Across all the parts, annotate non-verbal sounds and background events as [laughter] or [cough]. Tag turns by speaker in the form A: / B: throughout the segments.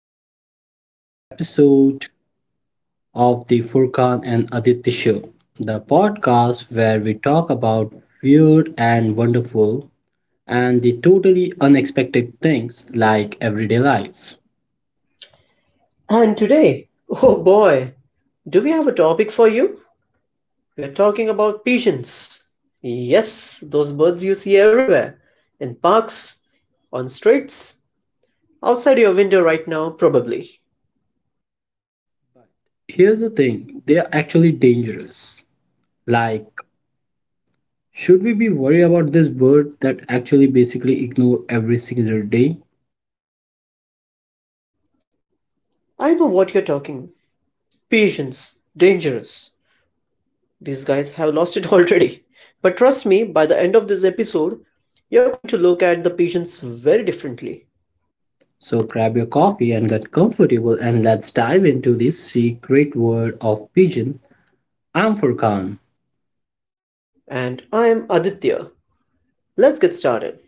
A: welcome to our episode of the Furkan and Aditya Show, the podcast where we talk about weird and wonderful and the totally unexpected things like everyday life.
B: And today, oh boy, do we have a topic for you? We're talking about pigeons. Yes, those birds you see everywhere in parks, on streets, outside your window right now, probably.
A: But here's the thing they are actually dangerous. Like, should we be worried about this bird that actually basically ignore every single day?
B: I know what you're talking. Pigeons, dangerous. These guys have lost it [laughs] already. But trust me, by the end of this episode, you're going to look at the pigeons very differently.
A: So grab your coffee and get comfortable and let's dive into the secret world of pigeon. I'm Furkan.
B: And I am Aditya. Let's get started.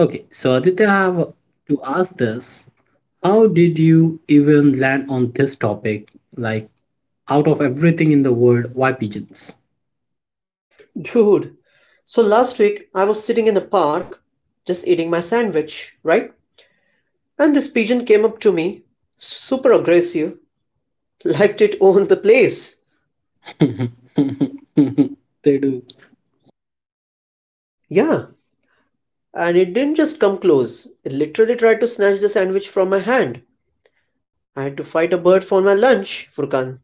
A: Okay, so Aditya, I have to ask this. How did you even land on this topic? Like, out of everything in the world, why pigeons?
B: Dude, so last week I was sitting in the park just eating my sandwich, right? And this pigeon came up to me, super aggressive, liked it owned the place.
A: [laughs] They do.
B: Yeah, and it didn't just come close, it literally tried to snatch the sandwich from my hand. I had to fight a bird for my lunch, Furkan.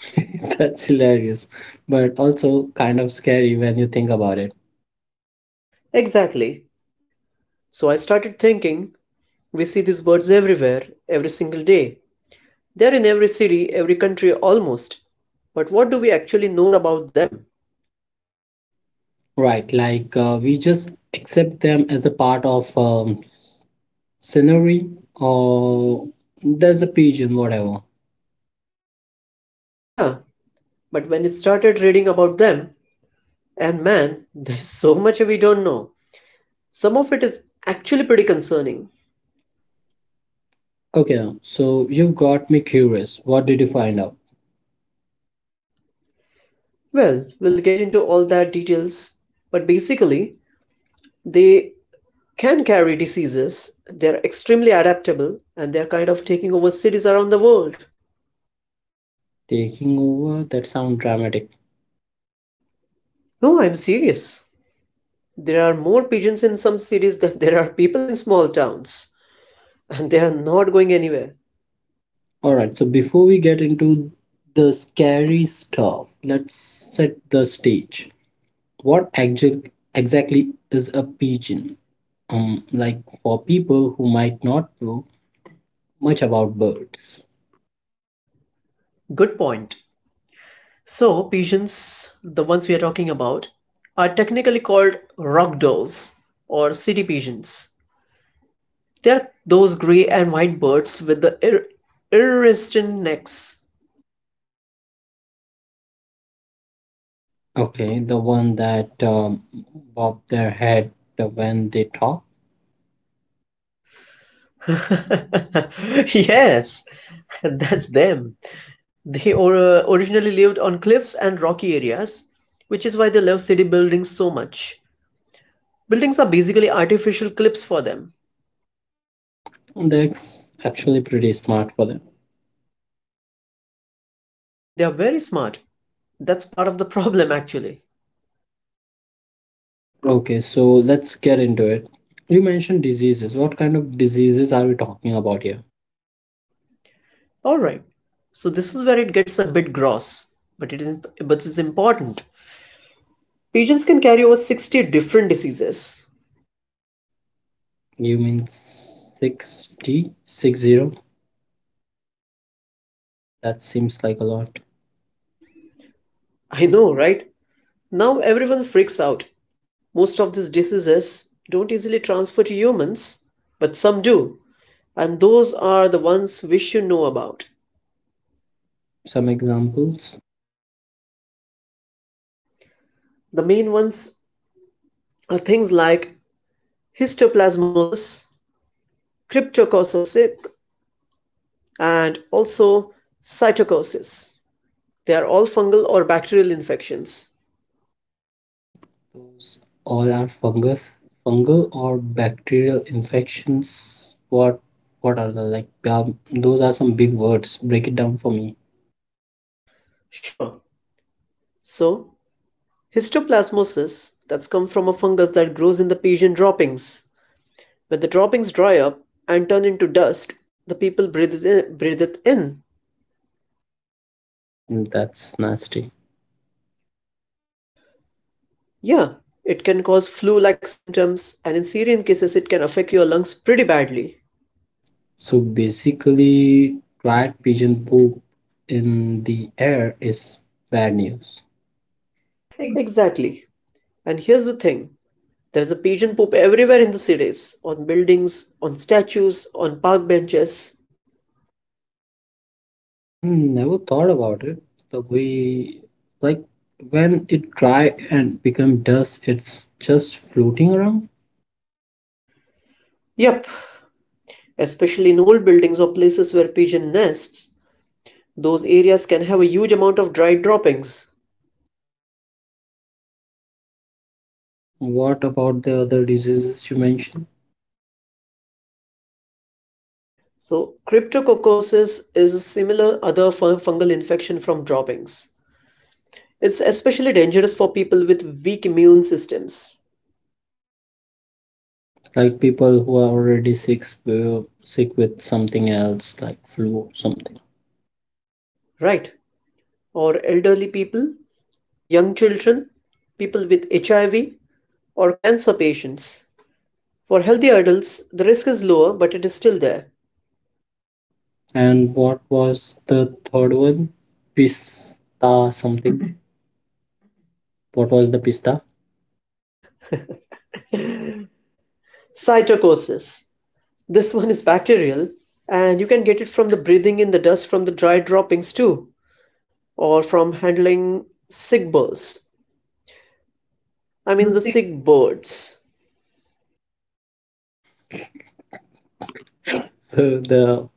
A: [laughs] That's hilarious, but also kind of scary when you think about it.
B: Exactly. So I started thinking we see these birds everywhere, every single day. They're in every city, every country almost. But what do we actually know about them?
A: Right, like we just accept them as a part of scenery or there's a pigeon whatever.
B: Yeah, but when it started reading about them, and man, [laughs] there's so much we don't know. Some of it is actually pretty concerning.
A: Okay, now so you've got me curious, what did you find out?
B: Well, we'll get into all that details, but basically, they can carry diseases, they're extremely adaptable, and they're kind of taking over cities around the world.
A: Taking over, that sound dramatic.
B: No, I'm serious. There are more pigeons in some cities than [laughs] there are people in small towns, and they are not going anywhere.
A: All right, so before we get into the scary stuff let's set the stage, what actually exactly is a pigeon, um, like for people who might not know much about birds.
B: Good point. So, pigeons, the ones we are talking about, are technically called rock doves or city pigeons. They are those grey and white birds with the iridescent necks.
A: Okay, the one that bob their head when they talk.
B: [laughs] Yes, that's them. They or, originally lived on cliffs and rocky areas, which is why they love city buildings so much. Buildings are basically artificial cliffs for them.
A: That's actually pretty smart for them.
B: They are very smart. That's part of the problem, actually.
A: Okay, so let's get into it. You mentioned diseases. What kind of diseases are we talking about here?
B: All right. So this is where it gets a bit gross, but it is but it's important. Pigeons can carry over 60 different diseases.
A: You mean 60, sixty? That seems like a lot.
B: I know, right? Now everyone freaks out. Most of these diseases don't easily transfer to humans, but some do, and those are the ones we should know about.
A: Some examples.
B: The main ones are things like histoplasmosis, cryptococcosis, and also cytosis. They are all fungal or bacterial infections.
A: Those all are fungal or bacterial infections. What are the like? Those are some big words. Break it down for me.
B: Sure, so, histoplasmosis that's come from a fungus that grows in the pigeon droppings. When the droppings dry up and turn into dust, the people breathe it in. Breathe it in.
A: That's nasty.
B: Yeah, it can cause flu-like symptoms, and in serious cases, it can affect your lungs pretty badly.
A: So basically, dried pigeon poop in the air is bad news.
B: Exactly. And here's the thing: there's a pigeon poop everywhere in the cities, on buildings, on statues, on park benches.
A: And never thought about it the way, like when it dry and become dust, it's just floating around.
B: Yep, especially in old buildings or places where pigeon nests. Those areas can have a huge amount of dry droppings.
A: What about the other diseases you mentioned?
B: So cryptococcosis is a similar other fungal infection from droppings. It's especially dangerous for people with weak immune systems,
A: Like people who are already sick, sick with something else, like flu or something.
B: right? Or elderly people, young children, people with HIV, or cancer patients. For healthy adults, the risk is lower, but it is still there.
A: And what was the third one? Pista something. What was the pista?
B: Cytococcis. This [laughs] one is bacterial, and you can get it from the breathing in the dust from the dry droppings too, or from handling sick birds. I mean, the sick birds.
A: So the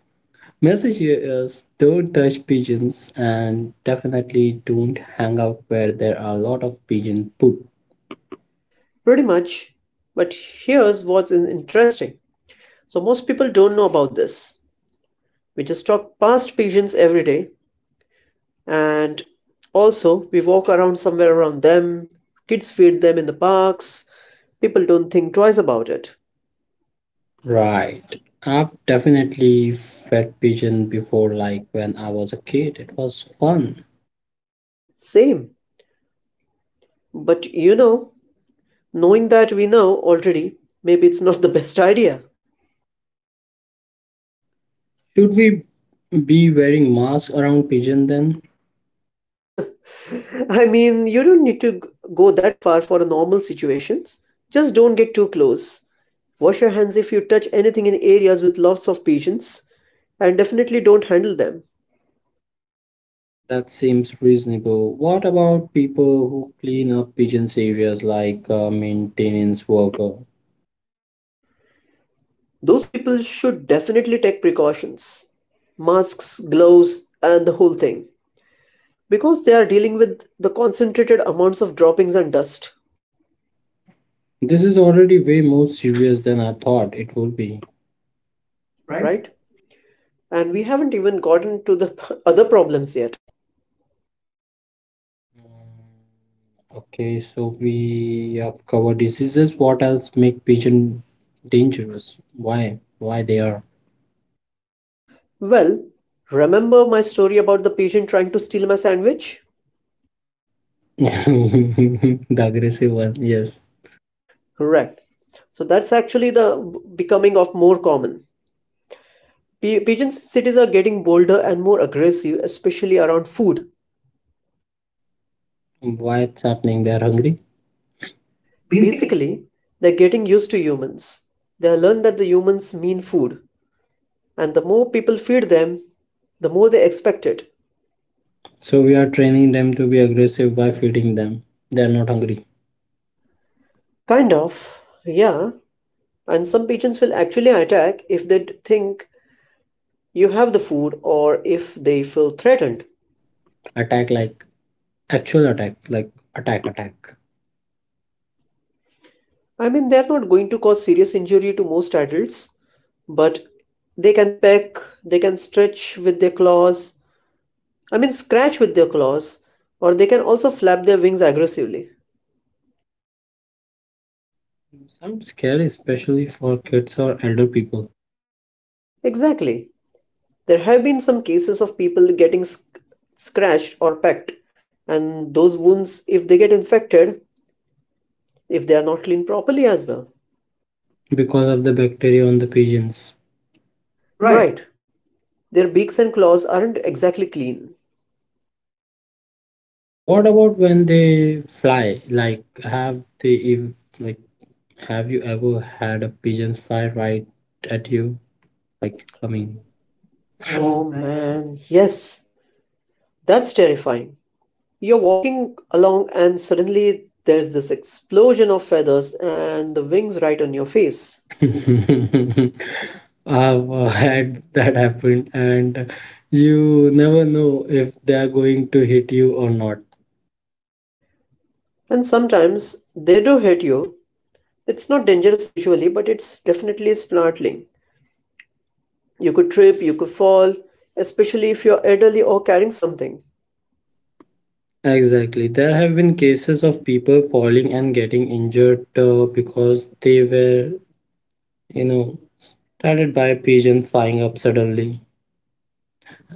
A: message here is don't touch pigeons and definitely don't hang out where there are a lot of pigeon poop.
B: Pretty much. But here's what's interesting. So, most people don't know about this. We just talk past pigeons every day, and also we walk around somewhere around them. Kids feed them in the parks. People don't think twice about it.
A: Right. I've definitely fed pigeon before, like when I was a kid. It was fun.
B: Same. But you know, knowing that we know already, maybe it's not the best [laughs] idea.
A: Should we be wearing masks around pigeon then?
B: I mean, you don't need to go that far for normal situations. Just don't get too close. Wash your hands if you touch anything in areas with lots of patients, and definitely don't handle them.
A: That seems reasonable. What about people who clean up pigeons areas like maintenance worker?
B: Those people should definitely take precautions masks, gloves, and the whole thing because they are dealing with the concentrated amounts of droppings and dust,
A: This is already way more serious than I thought it would be.
B: right? And we haven't even gotten to the [laughs] other problems yet.
A: Mm, okay, so we have covered diseases. What else make pigeon dangerous? Why? Why they are?
B: Well, remember my story about the patient trying to steal my sandwich?
A: [laughs] The aggressive one, yes.
B: Correct. So that's actually the becoming of more common. Pigeon cities are getting bolder and more aggressive, especially around food.
A: Why it's happening? They are hungry. Basically,
B: Basically, they're getting used to humans. They learn that the humans mean food, and the more people feed them, the more they expect it.
A: so we are training them to be aggressive by feeding them. They are not hungry.
B: Kind of, yeah. And some pigeons will actually attack if they think you have the food or if they feel threatened.
A: Attack like actual attack, like attack, attack.
B: I mean, they're not going to cause serious injury to most adults, but they can peck, they can stretch with their claws, I mean, scratch with their claws, or they can also flap their wings aggressively.
A: Some scary, especially for kids or elder people,
B: Exactly. There have been some cases of people getting scratched or pecked, and those wounds, if they get infected, if they are not cleaned properly as well.
A: because of the bacteria on the pigeons. Right.
B: Right. Their beaks and claws aren't exactly clean.
A: What about when they fly? Like, have they ev like, have you ever had a pigeon fly right at you? Like, coming.
B: Oh man, yes. That's terrifying. You're walking along, and suddenly there's this explosion of feathers and the wings right on your face.
A: [laughs] I've had that happen, and you never know if they are going to hit you or not.
B: And sometimes they do hit you. It's not dangerous usually, but it's definitely startling. You could trip, you could fall, especially if you're elderly or carrying something.
A: Exactly. There have been cases of people falling and getting injured because they were, you know, started by a pigeon flying up suddenly.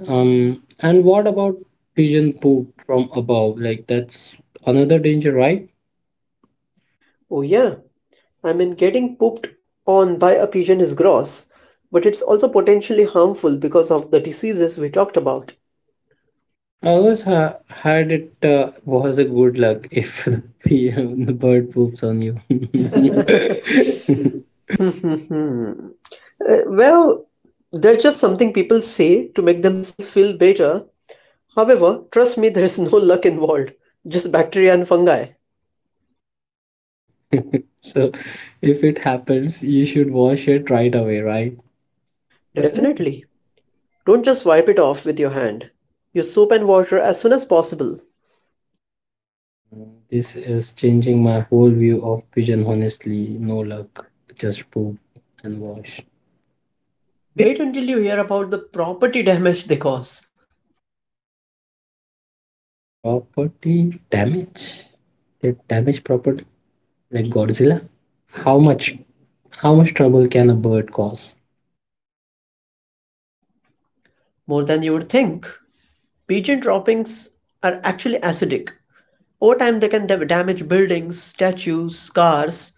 A: And what about pigeon poop from above? Like that's another danger, right?
B: Oh, yeah, I mean, getting pooped on by a pigeon is gross, but it's also potentially harmful because of the diseases we talked about.
A: I always had it was a good luck if [laughs] the, pigeon, the bird poops on you. [laughs]
B: [laughs] Well, they're just something people say to make themselves feel better. However, trust me, [laughs] there is no [laughs] luck involved, just bacteria and fungi.
A: So if it happens, you should wash it right away, right? Definitely.
B: Definitely. Don't just wipe it off with your hand. Use soap and water as soon as possible.
A: This is changing my whole view of pigeon honestly. No luck, just poop and wash.
B: Wait until you hear about the property damage they cause,
A: Property damage? They damage property like Godzilla? How much how much trouble can a bird cause?
B: more than you would think. Pigeon droppings are actually acidic. Over time, they can damage buildings, statues, cars,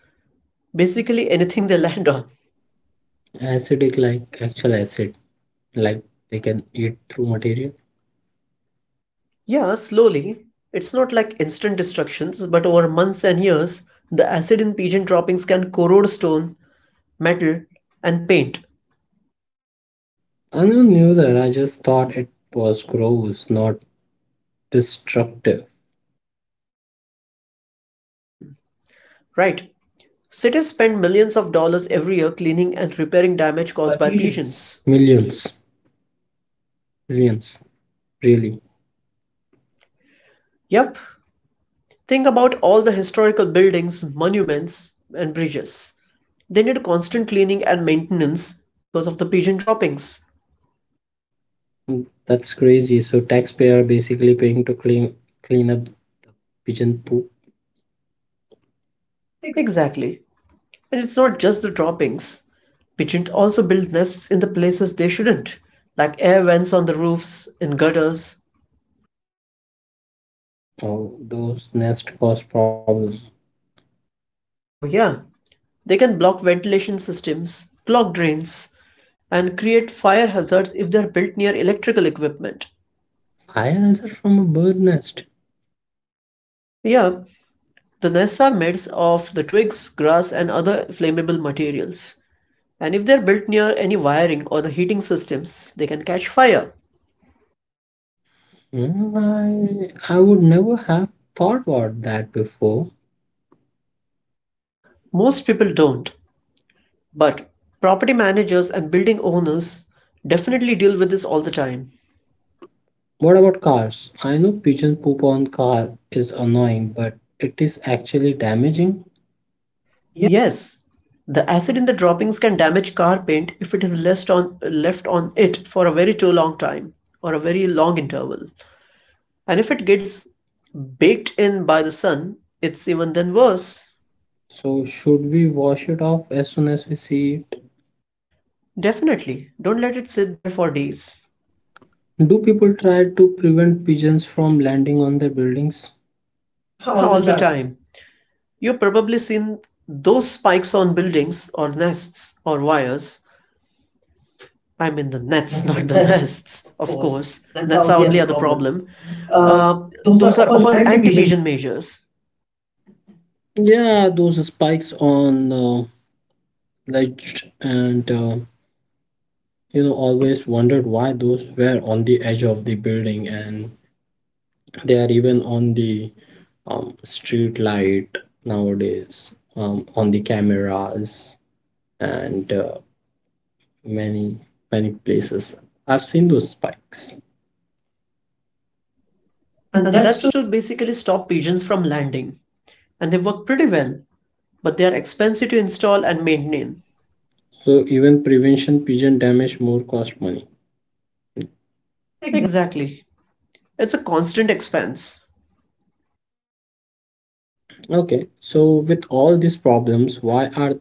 B: basically anything they land on.
A: Acidic like actual acid, like they can eat through material.
B: Yeah, slowly. It's not like instant destructions, but over months and years, the acid in pigeon droppings can corrode stone, metal, and paint.
A: I never knew that, I just thought it was gross, not destructive.
B: Right. Cities spend millions of dollars every year cleaning and repairing damage
A: Caused by
B: caused by
A: pigeons.
B: pigeons.
A: Millions, millions, really.
B: Yep. Think about all the historical buildings, monuments, and bridges. They need constant cleaning and maintenance because of the pigeon droppings.
A: Mm, that's crazy. So taxpayer basically paying to clean up pigeon poop. Ex-
B: Exactly. And it's not just the droppings. Pigeons also build nests in the places they shouldn't, like air vents on the roofs, in gutters.
A: Oh, those nest cause problem.
B: Oh, yeah, they can block ventilation systems, clog drains, and create fire hazards if they're built near electrical equipment.
A: Fire hazard from a bird nest.
B: Yeah, the nests are made of the twigs, grass, and other flammable materials. And if they're built near any wiring or the heating systems, they can catch fire.
A: Mm, I would never have thought about that before.
B: Most people don't, but property managers and building owners definitely deal with this all the time.
A: What about cars? I know pigeon poop on car is annoying, but it is actually damaging. Yeah.
B: Yes, the acid in the droppings can damage car paint if it is left on it for a very too long time or a very long interval. And if it gets baked in by the sun, it's even then worse.
A: So should we wash it off as soon as we see it?
B: Definitely, don't let it sit there for days.
A: Do people try to prevent pigeons from landing on their buildings?
B: [laughs]
A: All the
B: All the
A: time.
B: time. You've probably seen those spikes on buildings or nests or wires.
A: I
B: I
A: mean,
B: mean the
A: the
B: nets, not the [laughs]
A: nonetheless,
B: nests,
A: of
B: of
A: course,
B: course.
A: that's our
B: Nets are
A: only
B: only
A: other
B: other
A: problem.
B: problem.
A: Uh,
B: Uh,
A: those are
B: those are
A: all
B: all
A: anti-pigeon.
B: anti-pigeon measures,
A: Yeah, those spikes on ledge and you know always wondered why those were on the edge of the building and they are even on the street light nowadays on the cameras and many many places. I've seen those spikes. And
B: and
A: that's
B: that's to basically stop pigeons from landing. And they work pretty well, but they are expensive to install and
A: too.
B: maintain.
A: So even prevention pigeon damage more cost money. Exactly.
B: Exactly. It's a constant expense.
A: Okay, so with all these problems, why are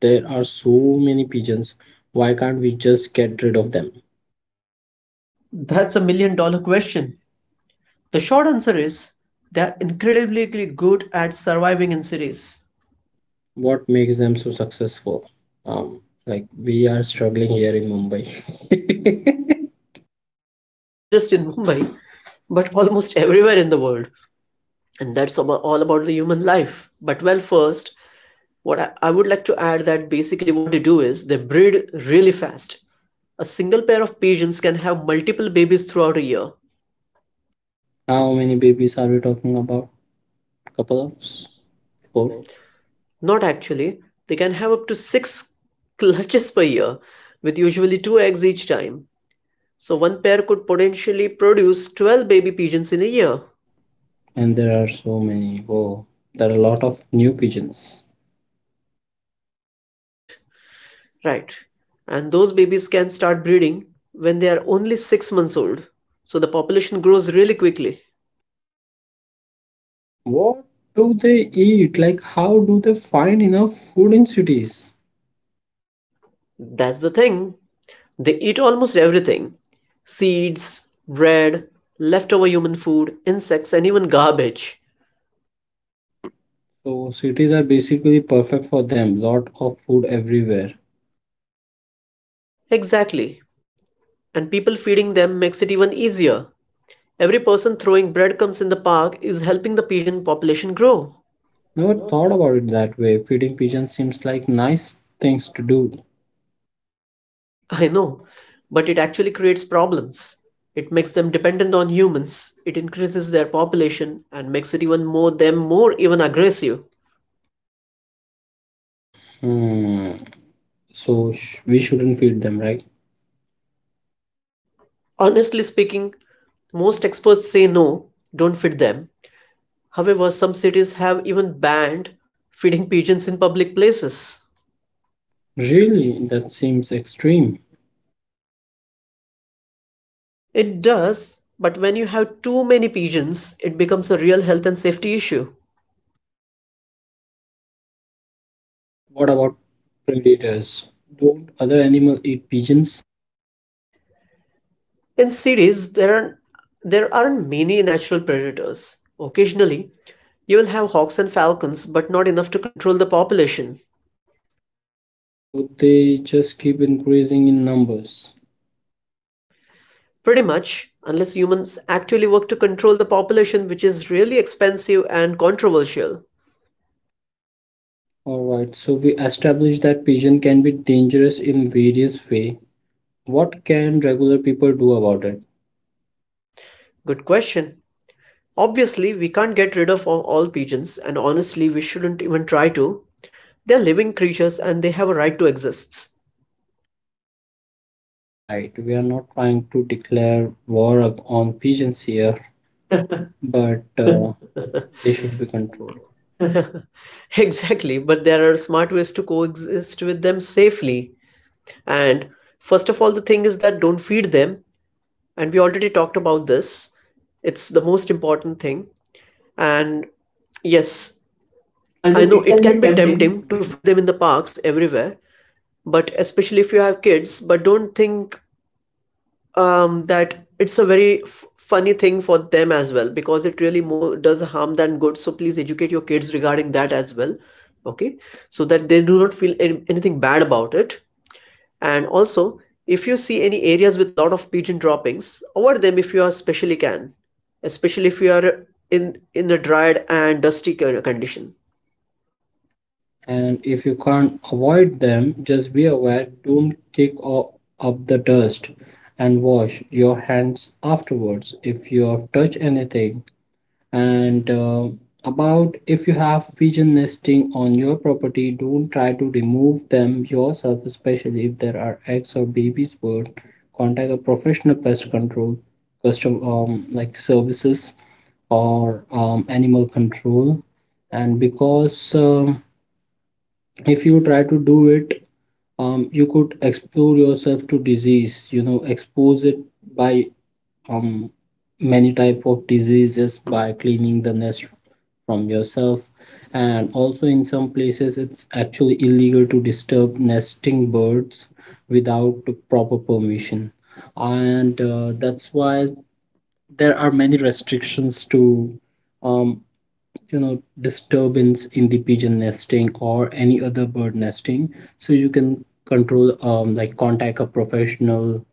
A: there are so many pigeons? Why can't we just get rid of them?
B: That's a million-dollar question. The short answer is they're incredibly good at surviving in cities,
A: What makes them so successful? Um, like we are struggling here in Mumbai.
B: [laughs] not just in Mumbai, but almost everywhere in the world. And that's about all about the human life. But well, first, what I would like to add that basically what they do is they breed really fast. A single pair of pigeons can have multiple babies throughout a year.
A: [laughs] How many babies are we talking about? Couple of four,
B: Not actually, they can have up to six [laughs] clutches per year, with usually two eggs each time. So one pair could potentially produce 12 baby pigeons in a year.
A: and there are so many. Whoa, there are a lot of new pigeons.
B: Right, right. And those babies can start breeding when they are only 6 months old. So the population grows really quickly.
A: What do they eat? Like, how do they find enough food in cities?
B: That's the thing. They eat almost everything seeds, bread, leftover human food, insects, and even garbage.
A: So cities are basically perfect for them. Lot of food everywhere.
B: Exactly. And people feeding them makes it even easier. Every person throwing breadcrumbs in the park is helping the pigeon population grow.
A: Never thought about it that way. Feeding pigeons seems like nice things to do.
B: I know, but it actually creates problems. It makes them dependent on humans. It increases their population and makes it even more them more even aggressive.
A: Hmm. So sh- we shouldn't feed them, right?
B: Honestly speaking, most experts say no, don't feed them. However, some cities have even banned feeding pigeons in public places.
A: Really, that seems extreme.
B: It does, but when you have too many pigeons, it becomes a real health and safety issue.
A: What about predators? Don't other animals eat pigeons?
B: In cities, there aren't many natural predators. Occasionally, you will have hawks and falcons, but not enough to control the population.
A: So they just keep increasing in numbers.
B: Pretty much, unless humans actually work to control the population, which is really expensive and controversial.
A: Alright, so we established that pigeon can be dangerous in various way. What can regular people do about it?
B: Good question. Obviously, we can't get rid of all pigeons, and honestly, we shouldn't even try to. They're living creatures and they have a right to exist. [laughs]
A: Right, we are not trying to declare war up on pigeons here, but [laughs] they should be controlled.
B: Exactly, but there are smart ways to coexist with them safely. And first of all, the thing is that don't feed them, and we already talked about this. It's the most important thing. And yes,
A: I know
B: I know
A: it
B: it
A: can be
B: can be
A: tempting.
B: tempting to feed them in the parks everywhere, but especially if you have kids, but don't think that it's a very funny thing for them as well because it really more does harm than good. So please educate your kids regarding that as well, okay? So that they do not feel anything bad about it. And also, if you see any areas with lot of pigeon droppings, avoid them if you especially can, especially if you are in a dried and dusty condition.
A: And if you can't avoid them, just be aware, don't kick o- up the dust and wash your hands afterwards if you have touched anything and about if you have pigeon nesting on your property don't try to remove them yourself especially if there are eggs or babies bird contact a professional pest control custom like services or animal control and because if you try to do it you could expose yourself to disease you know expose it by um many type of diseases by cleaning the nest from yourself and also in some places it's actually illegal to disturb nesting birds without proper permission and that's why there are many restrictions to um, you know disturbance in the pigeon nesting or any other bird nesting so you can control like contact a professional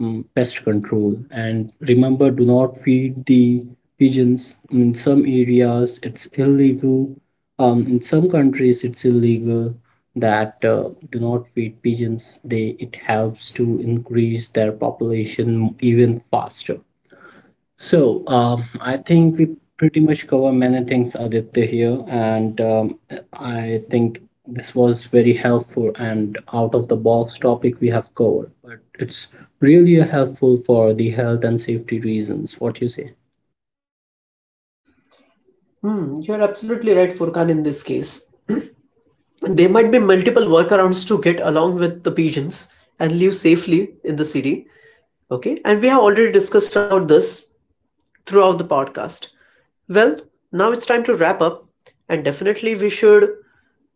A: mm, pest control. And remember, do not feed the pigeons. In some areas, it's illegal. In some countries, it's illegal that do not feed pigeons. They it helps to increase their population even faster. So, I think we pretty much cover many things, Aditya, here, and I think this was very helpful and out of the box topic we have covered, but it's really helpful for the health and safety reasons. What you say?
B: Hmm, you're absolutely right, Furkan, in this case. There might be multiple workarounds to get along with the pigeons and live safely in the city. Okay, and we have already discussed about this throughout the podcast. Well, now it's time to wrap up, and definitely we should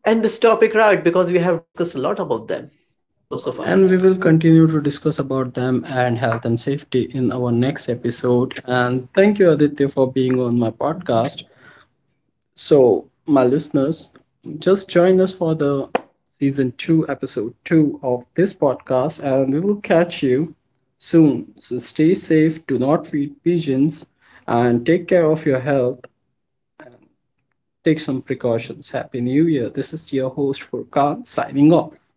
B: end this topic right because we have discussed a lot about them so
A: And we
B: far.
A: will continue to discuss about them and health and safety in our next episode. And thank you, Aditya, for being on my podcast. So, my listeners, just join us for the season 2, episode 2 of this podcast, and we will catch you soon. So, stay safe, do not feed pigeons, and take care of your health. Take some precautions. Happy New Year. This is your host, Furkan, signing off.